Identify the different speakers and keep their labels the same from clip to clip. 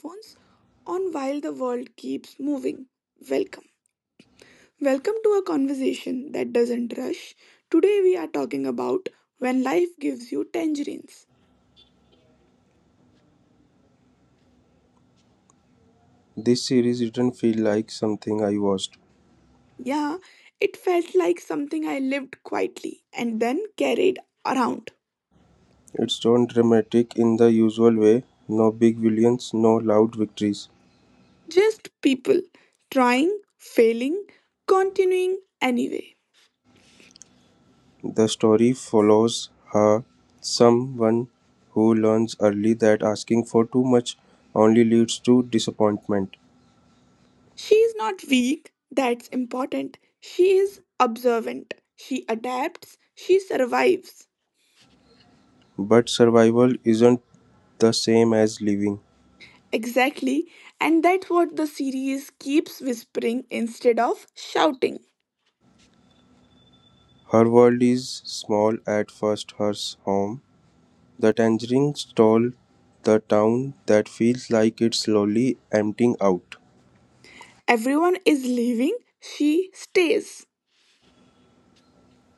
Speaker 1: earphones on while the world keeps moving, welcome. Welcome to a conversation that doesn't rush. Today we are talking about When Life Gives You Tangerines.
Speaker 2: This series didn't feel like something I watched.
Speaker 1: Yeah, it felt like something I lived quietly and then carried around.
Speaker 2: It's not dramatic in the usual way. No big villains, no loud victories.
Speaker 1: Just people trying, failing, continuing anyway.
Speaker 2: The story follows her, someone who learns early that asking for too much only leads to disappointment.
Speaker 1: She is not weak, that's important. She is observant. She adapts. She survives.
Speaker 2: But survival isn't the same as living.
Speaker 1: Exactly. And that's what the series keeps whispering instead of shouting.
Speaker 2: Her world is small at first, her home. The tangerine stall, the town that feels like it's slowly emptying out.
Speaker 1: Everyone is leaving, she stays.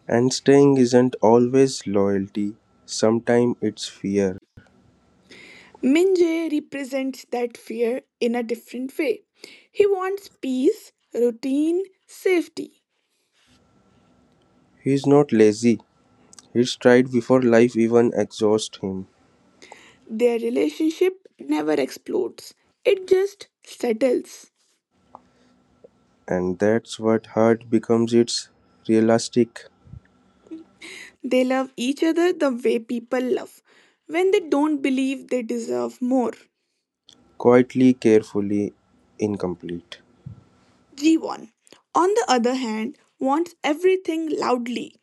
Speaker 2: And staying isn't always loyalty, sometimes it's fear.
Speaker 1: Minjae represents that fear in a different way. He wants peace, routine, safety.
Speaker 2: He's not lazy, he's tried before life even exhausts him.
Speaker 1: Their relationship never explodes, it just settles.
Speaker 2: And that's what hurt becomes, its realistic,
Speaker 1: They love each other the way people love when they don't believe they deserve more.
Speaker 2: quietly, carefully incomplete.
Speaker 1: G1, on the other hand, wants everything loudly,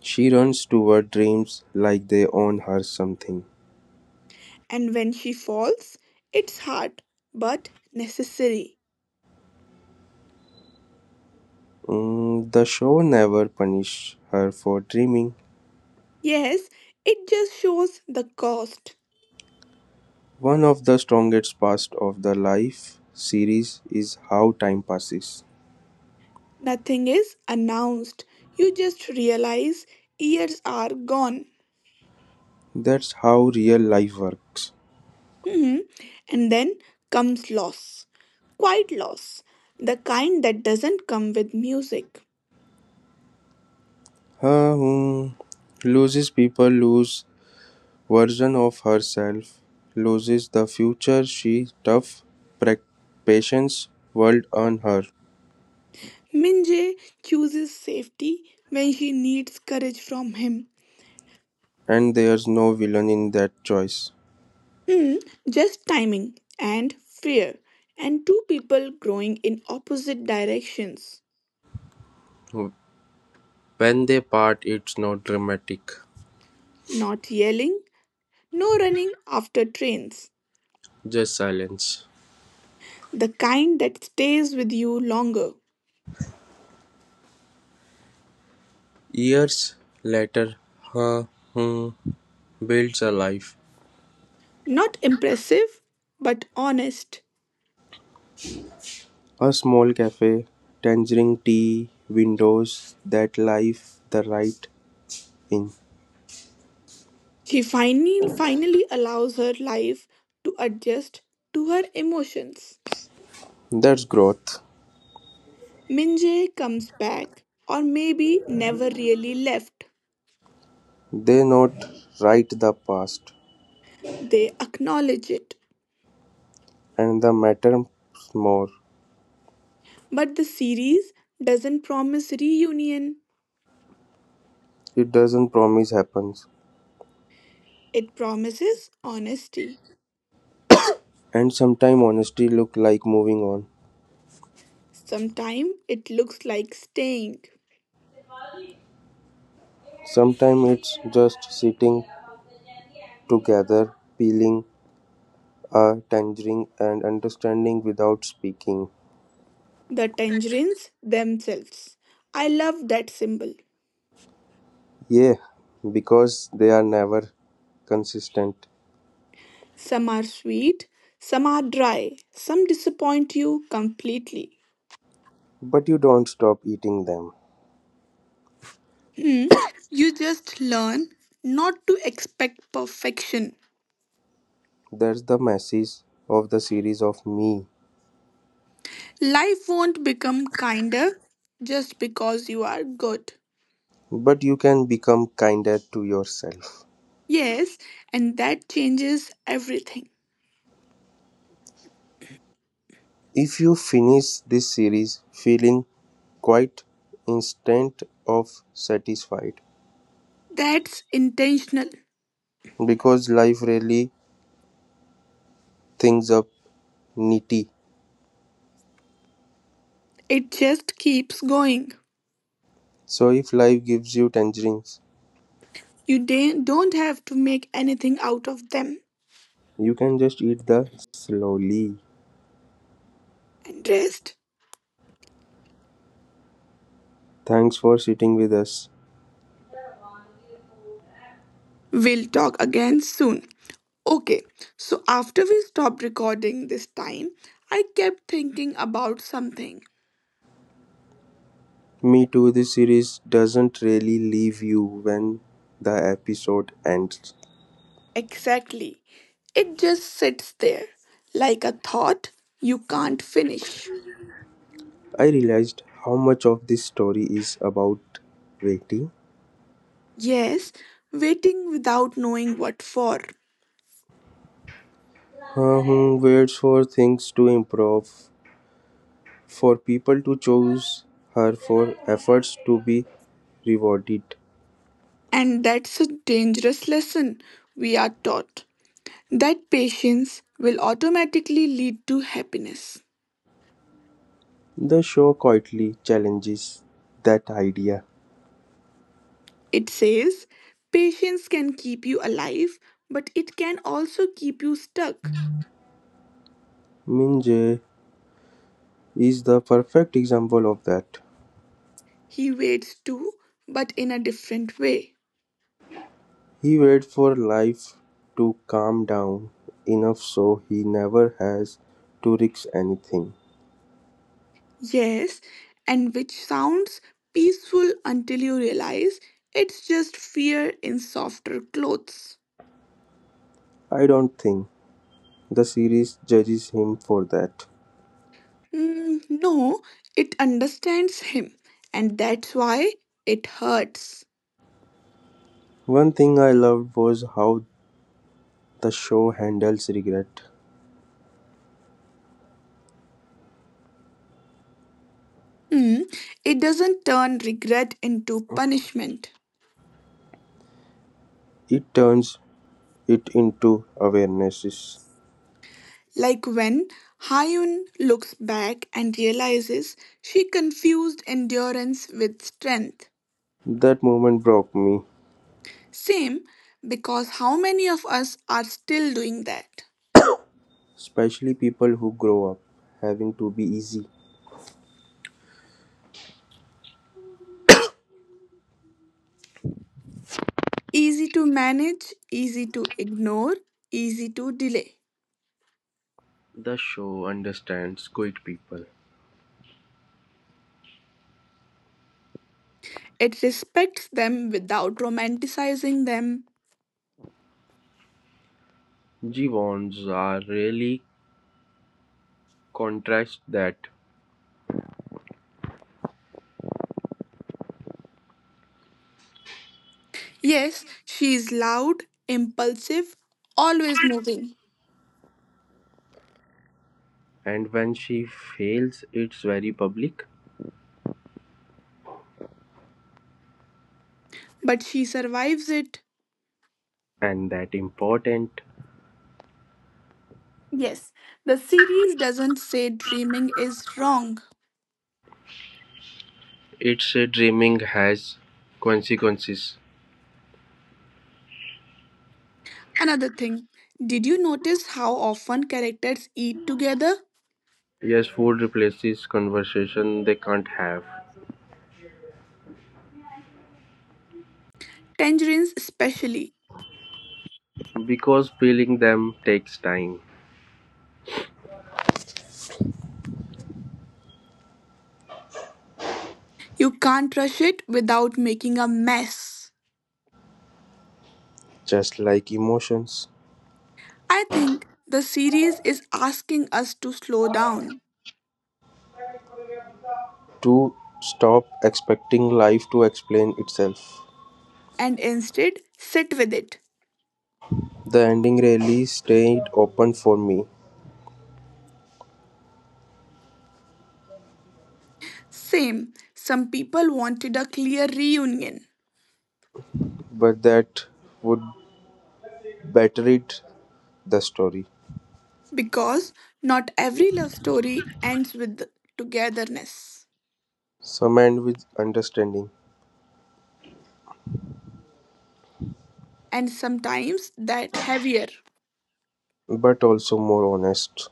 Speaker 2: She runs toward dreams like they own her something.
Speaker 1: and when she falls, it's hard but necessary.
Speaker 2: Mm, the show never punished her for dreaming.
Speaker 1: Yes, it just shows the cost.
Speaker 2: One of the strongest parts of the life series is how time passes.
Speaker 1: Nothing is announced. You just realize years are gone.
Speaker 2: That's how real life works.
Speaker 1: Mhm. And then comes loss. Quiet loss. The kind that doesn't come with music.
Speaker 2: Her who loses people lose version of herself, loses the future she tough prac- patience world on her,
Speaker 1: Minje chooses safety when she needs courage from him.
Speaker 2: and there's no villain in that choice.
Speaker 1: Hmm, just timing and fear, and two people growing in opposite directions.
Speaker 2: When they part, it's not dramatic,
Speaker 1: Not yelling, no running after trains.
Speaker 2: just silence.
Speaker 1: The kind that stays with you longer.
Speaker 2: Years later, her who builds a life.
Speaker 1: Not impressive, but honest.
Speaker 2: A small cafe, tangerine tea, windows, that life, the right. In
Speaker 1: She finally, finally allows her life to adjust to her emotions.
Speaker 2: "That's Growth"
Speaker 1: Minje comes back, or maybe never really left.
Speaker 2: they not "Write the past
Speaker 1: They acknowledge it.
Speaker 2: and the matter more,
Speaker 1: But the series doesn't promise reunion,
Speaker 2: it doesn't promise happens,
Speaker 1: it promises honesty.
Speaker 2: and sometime honesty look like moving on,
Speaker 1: Sometimes it looks like staying.
Speaker 2: sometime it's just sitting together, peeling a tangerine and understanding without speaking.
Speaker 1: The tangerines themselves. I love that symbol.
Speaker 2: Yeah, because they are never consistent,
Speaker 1: Some are sweet, some are dry, some disappoint you completely.
Speaker 2: but you don't stop eating them.
Speaker 1: Hmm. You just learn not to expect perfection.
Speaker 2: That's the message of the series of me.
Speaker 1: Life won't become kinder just because you are good.
Speaker 2: But you can become kinder to yourself.
Speaker 1: Yes, and that changes everything.
Speaker 2: If you finish this series feeling quite instant of satisfied
Speaker 1: That's intentional.
Speaker 2: because life really things up nitty.
Speaker 1: It just keeps going.
Speaker 2: So if life gives you tangerines,
Speaker 1: You don't have to make anything out of them.
Speaker 2: you can just eat the slowly.
Speaker 1: And rest,
Speaker 2: Thanks for sitting with us.
Speaker 1: we'll talk again soon. Okay, so after we stopped recording this time, I kept thinking about something.
Speaker 2: Me too, this series doesn't really leave you when the episode ends.
Speaker 1: Exactly. It just sits there, like a thought you can't finish.
Speaker 2: I realized how much of this story is about waiting.
Speaker 1: Yes, waiting without knowing what for.
Speaker 2: Waits for things to improve, for people to choose her, for efforts to be rewarded.
Speaker 1: And that's a dangerous lesson we are taught, that patience will automatically lead to happiness.
Speaker 2: The show quietly challenges that idea.
Speaker 1: It says patience can keep you alive, but it can also keep you stuck.
Speaker 2: Min Jae is the perfect example of that.
Speaker 1: He waits too, but in a different way.
Speaker 2: He waits for life to calm down enough so he never has to risk anything.
Speaker 1: Yes, and which sounds peaceful until you realize it's just fear in softer clothes.
Speaker 2: I don't think the series judges him for that.
Speaker 1: Mm, no, it understands him, and that's why it hurts.
Speaker 2: One thing I loved was how the show handles regret.
Speaker 1: Mm, it doesn't turn regret into punishment.
Speaker 2: It turns it into awarenesses.
Speaker 1: Like when Hyun looks back and realizes she confused endurance with strength.
Speaker 2: That moment broke me,
Speaker 1: Same, because how many of us are still doing that?
Speaker 2: especially people who grow up having to be easy.
Speaker 1: Easy to manage, easy to ignore, easy to delay.
Speaker 2: The show understands quit people.
Speaker 1: It respects them without romanticizing them.
Speaker 2: Jiwon's are really contrast that,
Speaker 1: Yes, she is loud, impulsive, always moving,
Speaker 2: and when she fails, it's very public
Speaker 1: but she survives it.
Speaker 2: and that important.
Speaker 1: Yes, the series doesn't say dreaming is wrong.
Speaker 2: It's a dreaming has consequences.
Speaker 1: Another thing, did you notice how often characters eat together?
Speaker 2: Yes, food replaces conversation they can't have,
Speaker 1: Tangerines, especially.
Speaker 2: because peeling them takes time,
Speaker 1: You can't rush it without making a mess.
Speaker 2: just like emotions.
Speaker 1: I think the series is asking us to slow down
Speaker 2: To stop expecting life to explain itself.
Speaker 1: and instead sit with it.
Speaker 2: The ending really stayed open for me,
Speaker 1: Same, some people wanted a clear reunion,
Speaker 2: but that would better it the story.
Speaker 1: because not every love story ends with togetherness,
Speaker 2: Some end with understanding,
Speaker 1: and sometimes that heavier.
Speaker 2: but also more honest.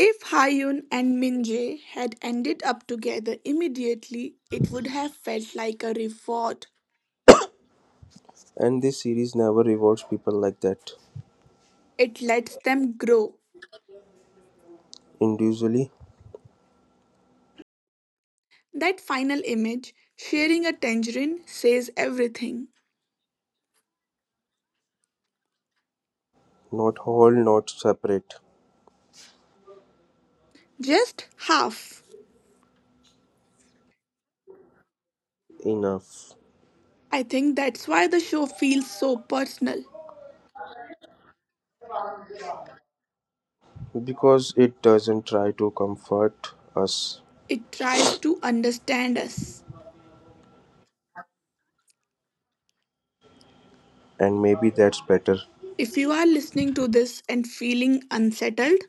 Speaker 1: If Hyun and Minjae had ended up together immediately, it would have felt like a reward.
Speaker 2: And this series never rewards people like that.
Speaker 1: It lets them grow.
Speaker 2: Individually,
Speaker 1: That final image, sharing a tangerine, says everything.
Speaker 2: not whole, not separate
Speaker 1: Just half.
Speaker 2: enough.
Speaker 1: I think that's why the show feels so personal.
Speaker 2: Because it doesn't try to comfort us,
Speaker 1: It tries to understand us.
Speaker 2: and maybe that's better.
Speaker 1: If you are listening to this and feeling unsettled,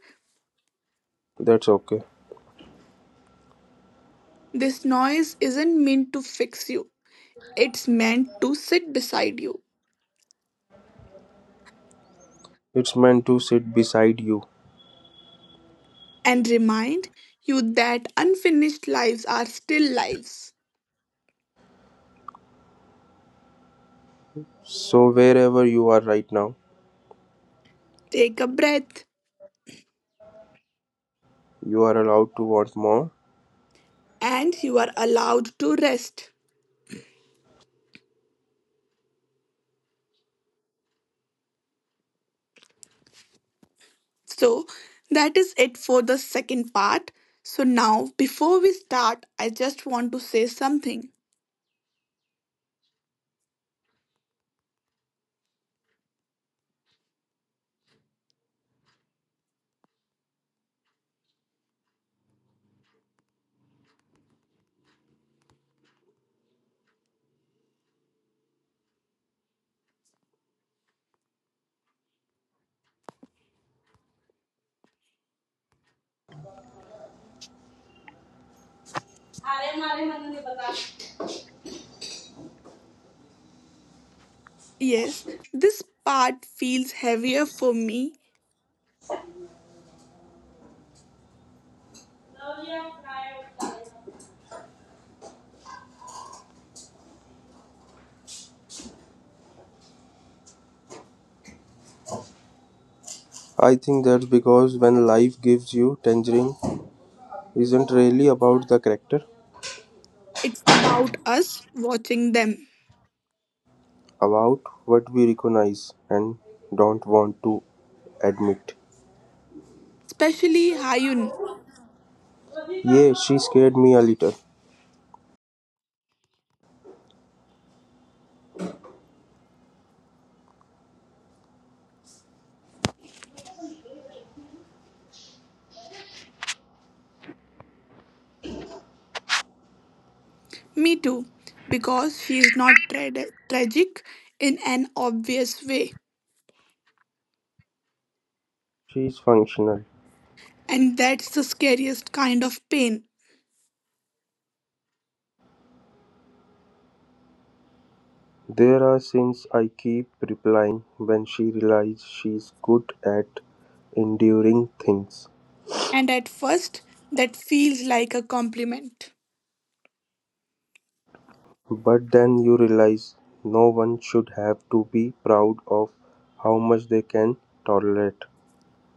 Speaker 2: That's okay.
Speaker 1: this noise isn't meant to fix you. It's meant to sit beside you
Speaker 2: It's meant to sit beside you.
Speaker 1: and remind you that unfinished lives are still lives.
Speaker 2: So wherever you are right now,
Speaker 1: Take a breath,
Speaker 2: you are allowed to want more.
Speaker 1: and you are allowed to rest. So, that is it for the second part. So, now before we start, I just want to say something. Yes, this part feels heavier for me.
Speaker 2: I think that's because when life gives you tangerine isn't really about the character,
Speaker 1: It's about us watching them,
Speaker 2: about what we recognize and don't want to admit.
Speaker 1: especially Hayun.
Speaker 2: Yeah, she scared me a little.
Speaker 1: Me too, because she is not tragic in an obvious way.
Speaker 2: She's functional.
Speaker 1: And that's the scariest kind of pain.
Speaker 2: There are scenes I keep replying when she realizes she's good at enduring things.
Speaker 1: And at first, that feels like a compliment.
Speaker 2: But then you realize no one should have to be proud of how much they can tolerate.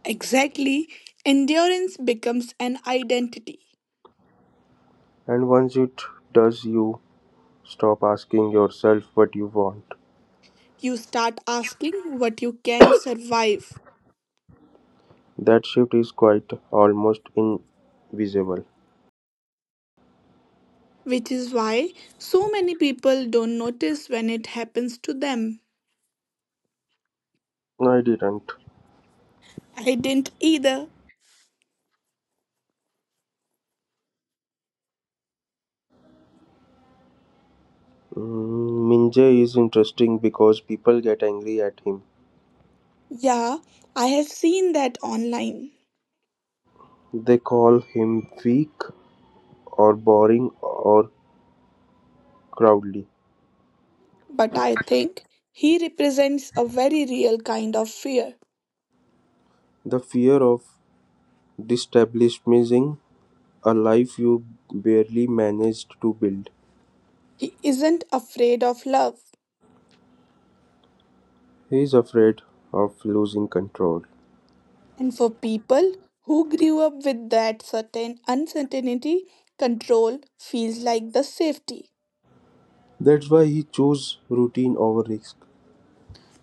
Speaker 1: Exactly, endurance becomes an identity.
Speaker 2: And once it does, you stop asking yourself what you want.
Speaker 1: You start asking what you can survive,
Speaker 2: That shift is quite almost invisible.
Speaker 1: which is why so many people don't notice when it happens to them.
Speaker 2: No, I didn't.
Speaker 1: I didn't either.
Speaker 2: Mm, Minje is interesting because people get angry at him.
Speaker 1: Yeah, I have seen that online,
Speaker 2: They call him weak or boring or cowardly.
Speaker 1: but I think he represents a very real kind of fear.
Speaker 2: The fear of destabilizing a life you barely managed to build.
Speaker 1: He isn't afraid of love.
Speaker 2: He is afraid of losing control.
Speaker 1: And for people who grew up with that certain uncertainty, control feels like the safety.
Speaker 2: That's why he chose routine over risk.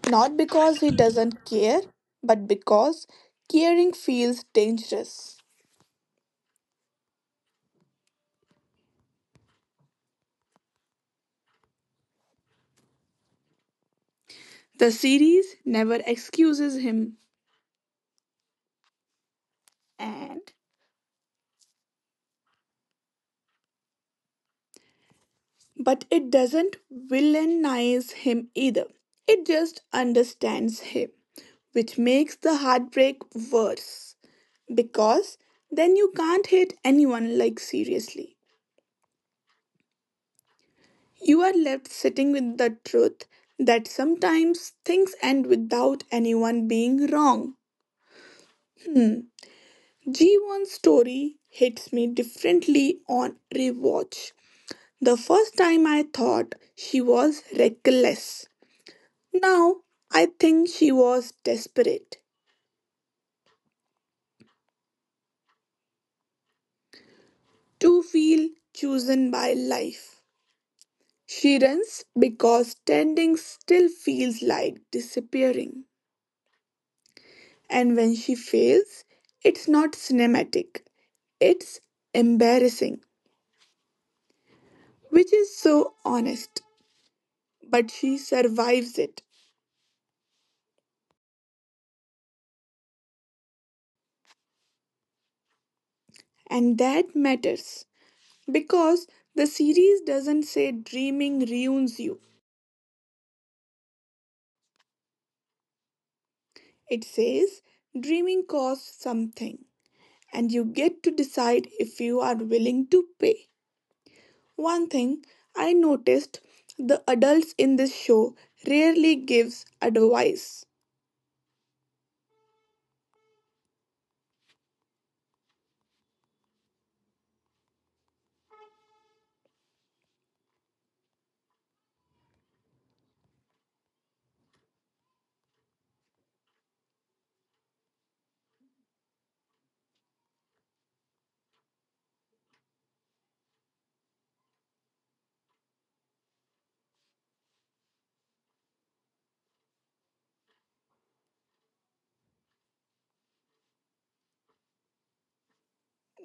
Speaker 1: Not because he doesn't care, but because caring feels dangerous. The series never excuses him, and but it doesn't villainize him either. It just understands him, which makes the heartbreak worse. Because then you can't hate anyone, like, seriously. You are left sitting with the truth that sometimes things end without anyone being wrong. G1's story hits me differently on rewatch. The first time I thought she was reckless. Now I think she was desperate to feel chosen by life. She runs because standing still feels like disappearing. And when she fails, it's not cinematic, it's embarrassing, which is so honest. But she survives it, and that matters, because the series doesn't say dreaming ruins you, it says dreaming costs something, and you get to decide if you are willing to pay. One thing I noticed, the adults in this show rarely gives advice.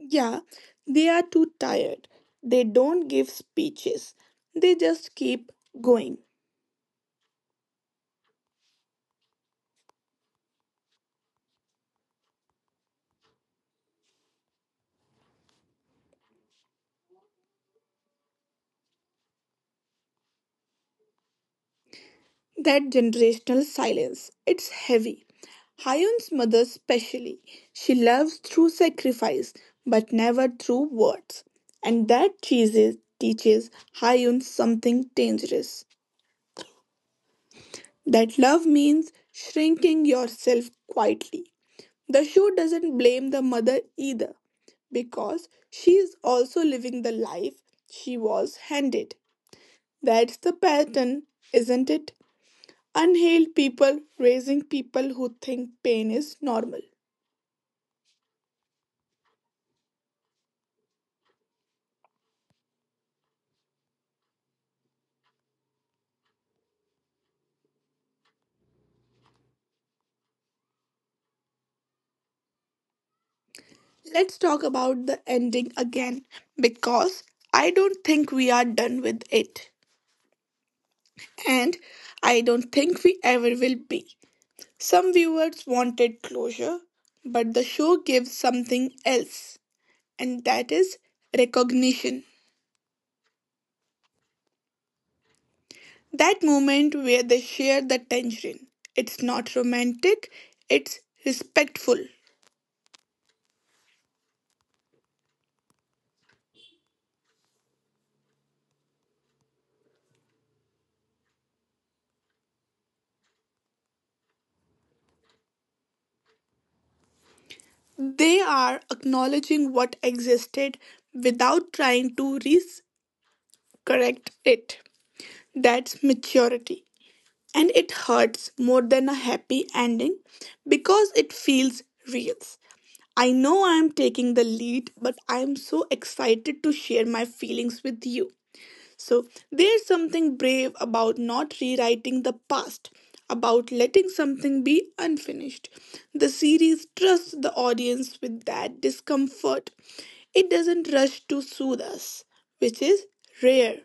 Speaker 1: Yeah, they are too tired. They don't give speeches. They just keep going. That generational silence, it's heavy. Hyun's mother especially. She loves through sacrifice, but never through words. And that Jesus teaches Hyun something dangerous, that love means shrinking yourself quietly. The shoe doesn't blame the mother either, because she is also living the life she was handed. That's the pattern, isn't it? Unhealed people raising people who think pain is normal. Let's talk about the ending again, because I don't think we are done with it, and I don't think we ever will be. Some viewers wanted closure, but the show gives something else, and that is recognition. That moment where they share the tangerine. It's not romantic, it's respectful. They are acknowledging what existed without trying to recorrect it. That's maturity. And it hurts more than a happy ending because it feels real. I know I am taking the lead, but I am so excited to share my feelings with you. So, there's something brave about not rewriting the past, about letting something be unfinished. The series trusts the audience with that discomfort. It doesn't rush to soothe us, which is rare.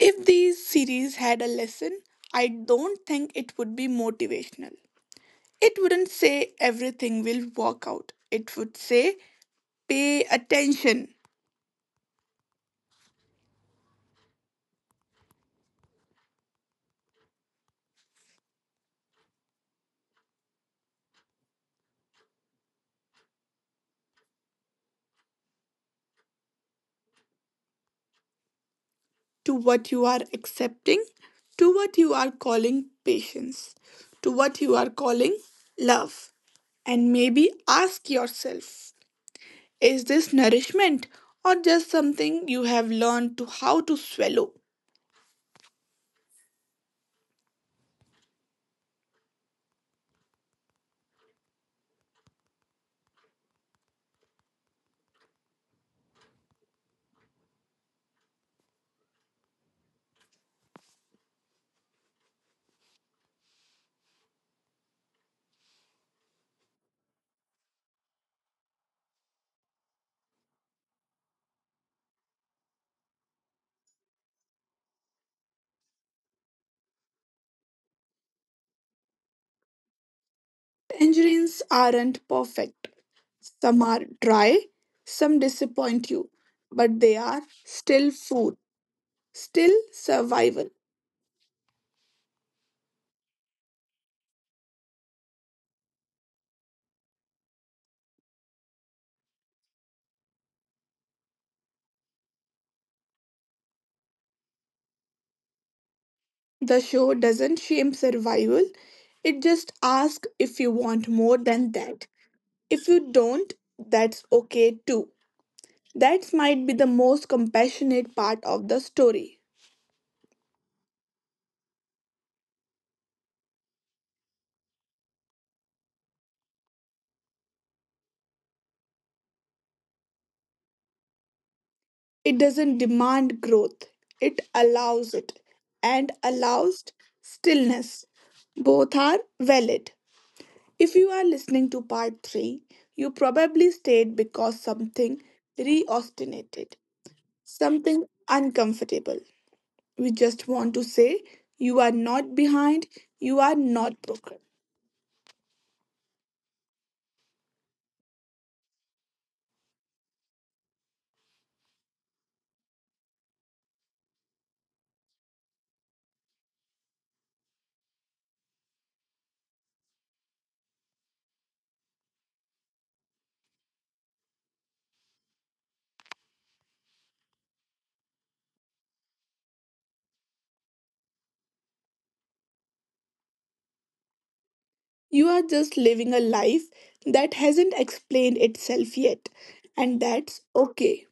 Speaker 1: If these series had a lesson, I don't think it would be motivational. It wouldn't say everything will work out. It would say, pay attention to what you are accepting, to what you are calling patience, to what you are calling love. And maybe ask yourself, is this nourishment or just something you have learned to how to swallow? Tangerines aren't perfect. Some are dry, some disappoint you, but they are still food, still survival. The show doesn't shame survival, it just asks if you want more than that. If you don't, that's okay too. That might be the most compassionate part of the story. It doesn't demand growth, it allows it and allows stillness. Both are valid. If you are listening to part 3, you probably stayed because something reostinated, something uncomfortable. We just want to say you are not behind, you are not broken. You are just living a life that hasn't explained itself yet, and that's okay.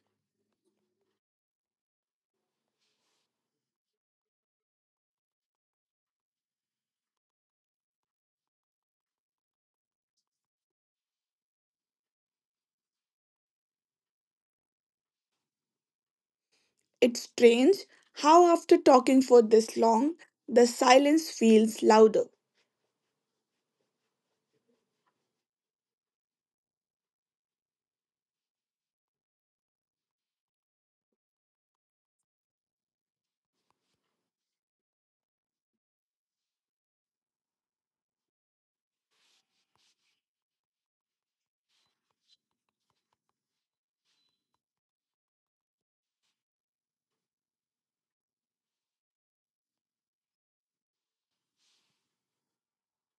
Speaker 1: It's strange how, after talking for this long, the silence feels louder.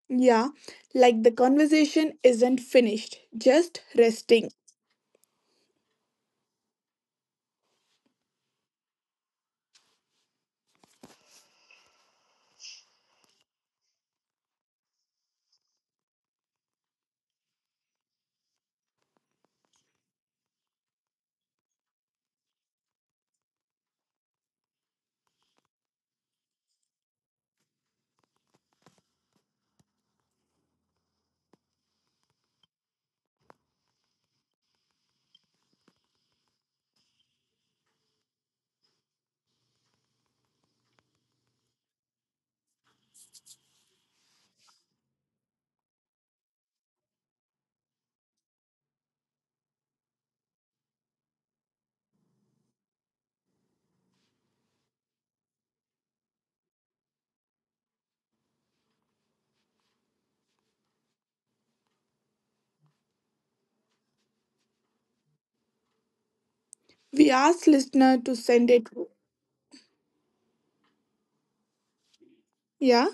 Speaker 1: Yeah, like the conversation isn't finished, just resting. We asked listener to send it. Yeah,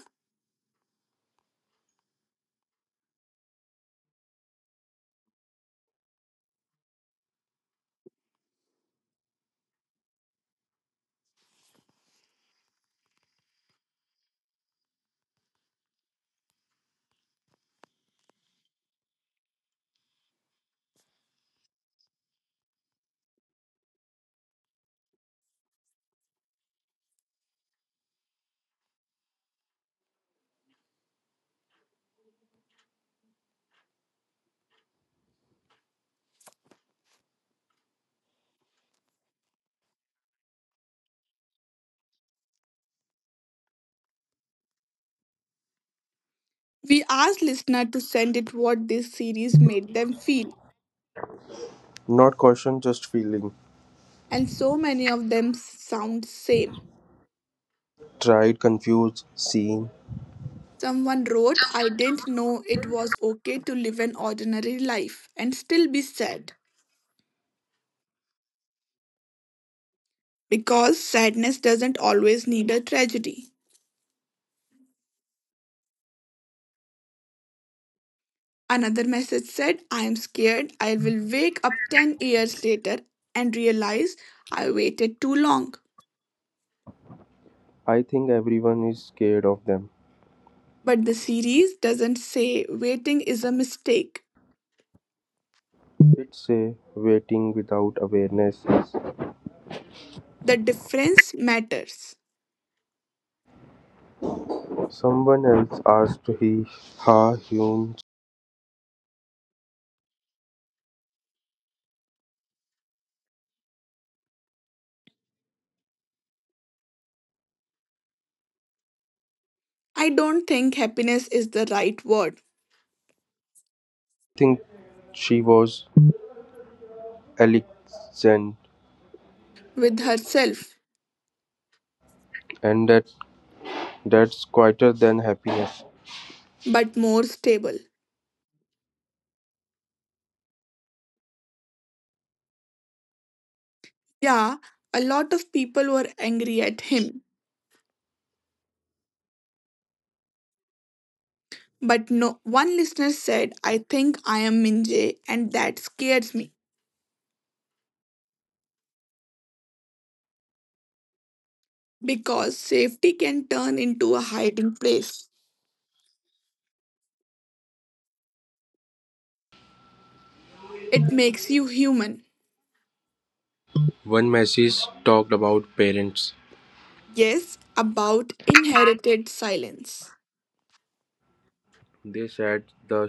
Speaker 1: we asked listener to send it what this series made them feel,
Speaker 2: Not caution, just feeling.
Speaker 1: and so many of them sound same.
Speaker 2: Tried, confused, seen.
Speaker 1: Someone wrote, I didn't know it was okay to live an ordinary life and still be sad, because sadness doesn't always need a tragedy. Another message said, I am scared I will wake up 10 years later and realize I waited too long.
Speaker 2: I think everyone is scared of them.
Speaker 1: But the series doesn't say waiting is a mistake.
Speaker 2: It's a waiting without awareness.
Speaker 1: The difference matters.
Speaker 2: Someone else asked he Ha Hyun
Speaker 1: I don't think happiness is the right word,
Speaker 3: I think she was elegant,
Speaker 1: with herself,
Speaker 3: and that that's quieter than happiness.
Speaker 1: but more stable. Yeah, a lot of people were angry at him. But no one listener said, I think I am Minjay, and that scares me. Because safety can turn into a hiding place. It makes you human.
Speaker 2: One message talked about parents;
Speaker 1: Yes, about inherited silence.
Speaker 2: they said the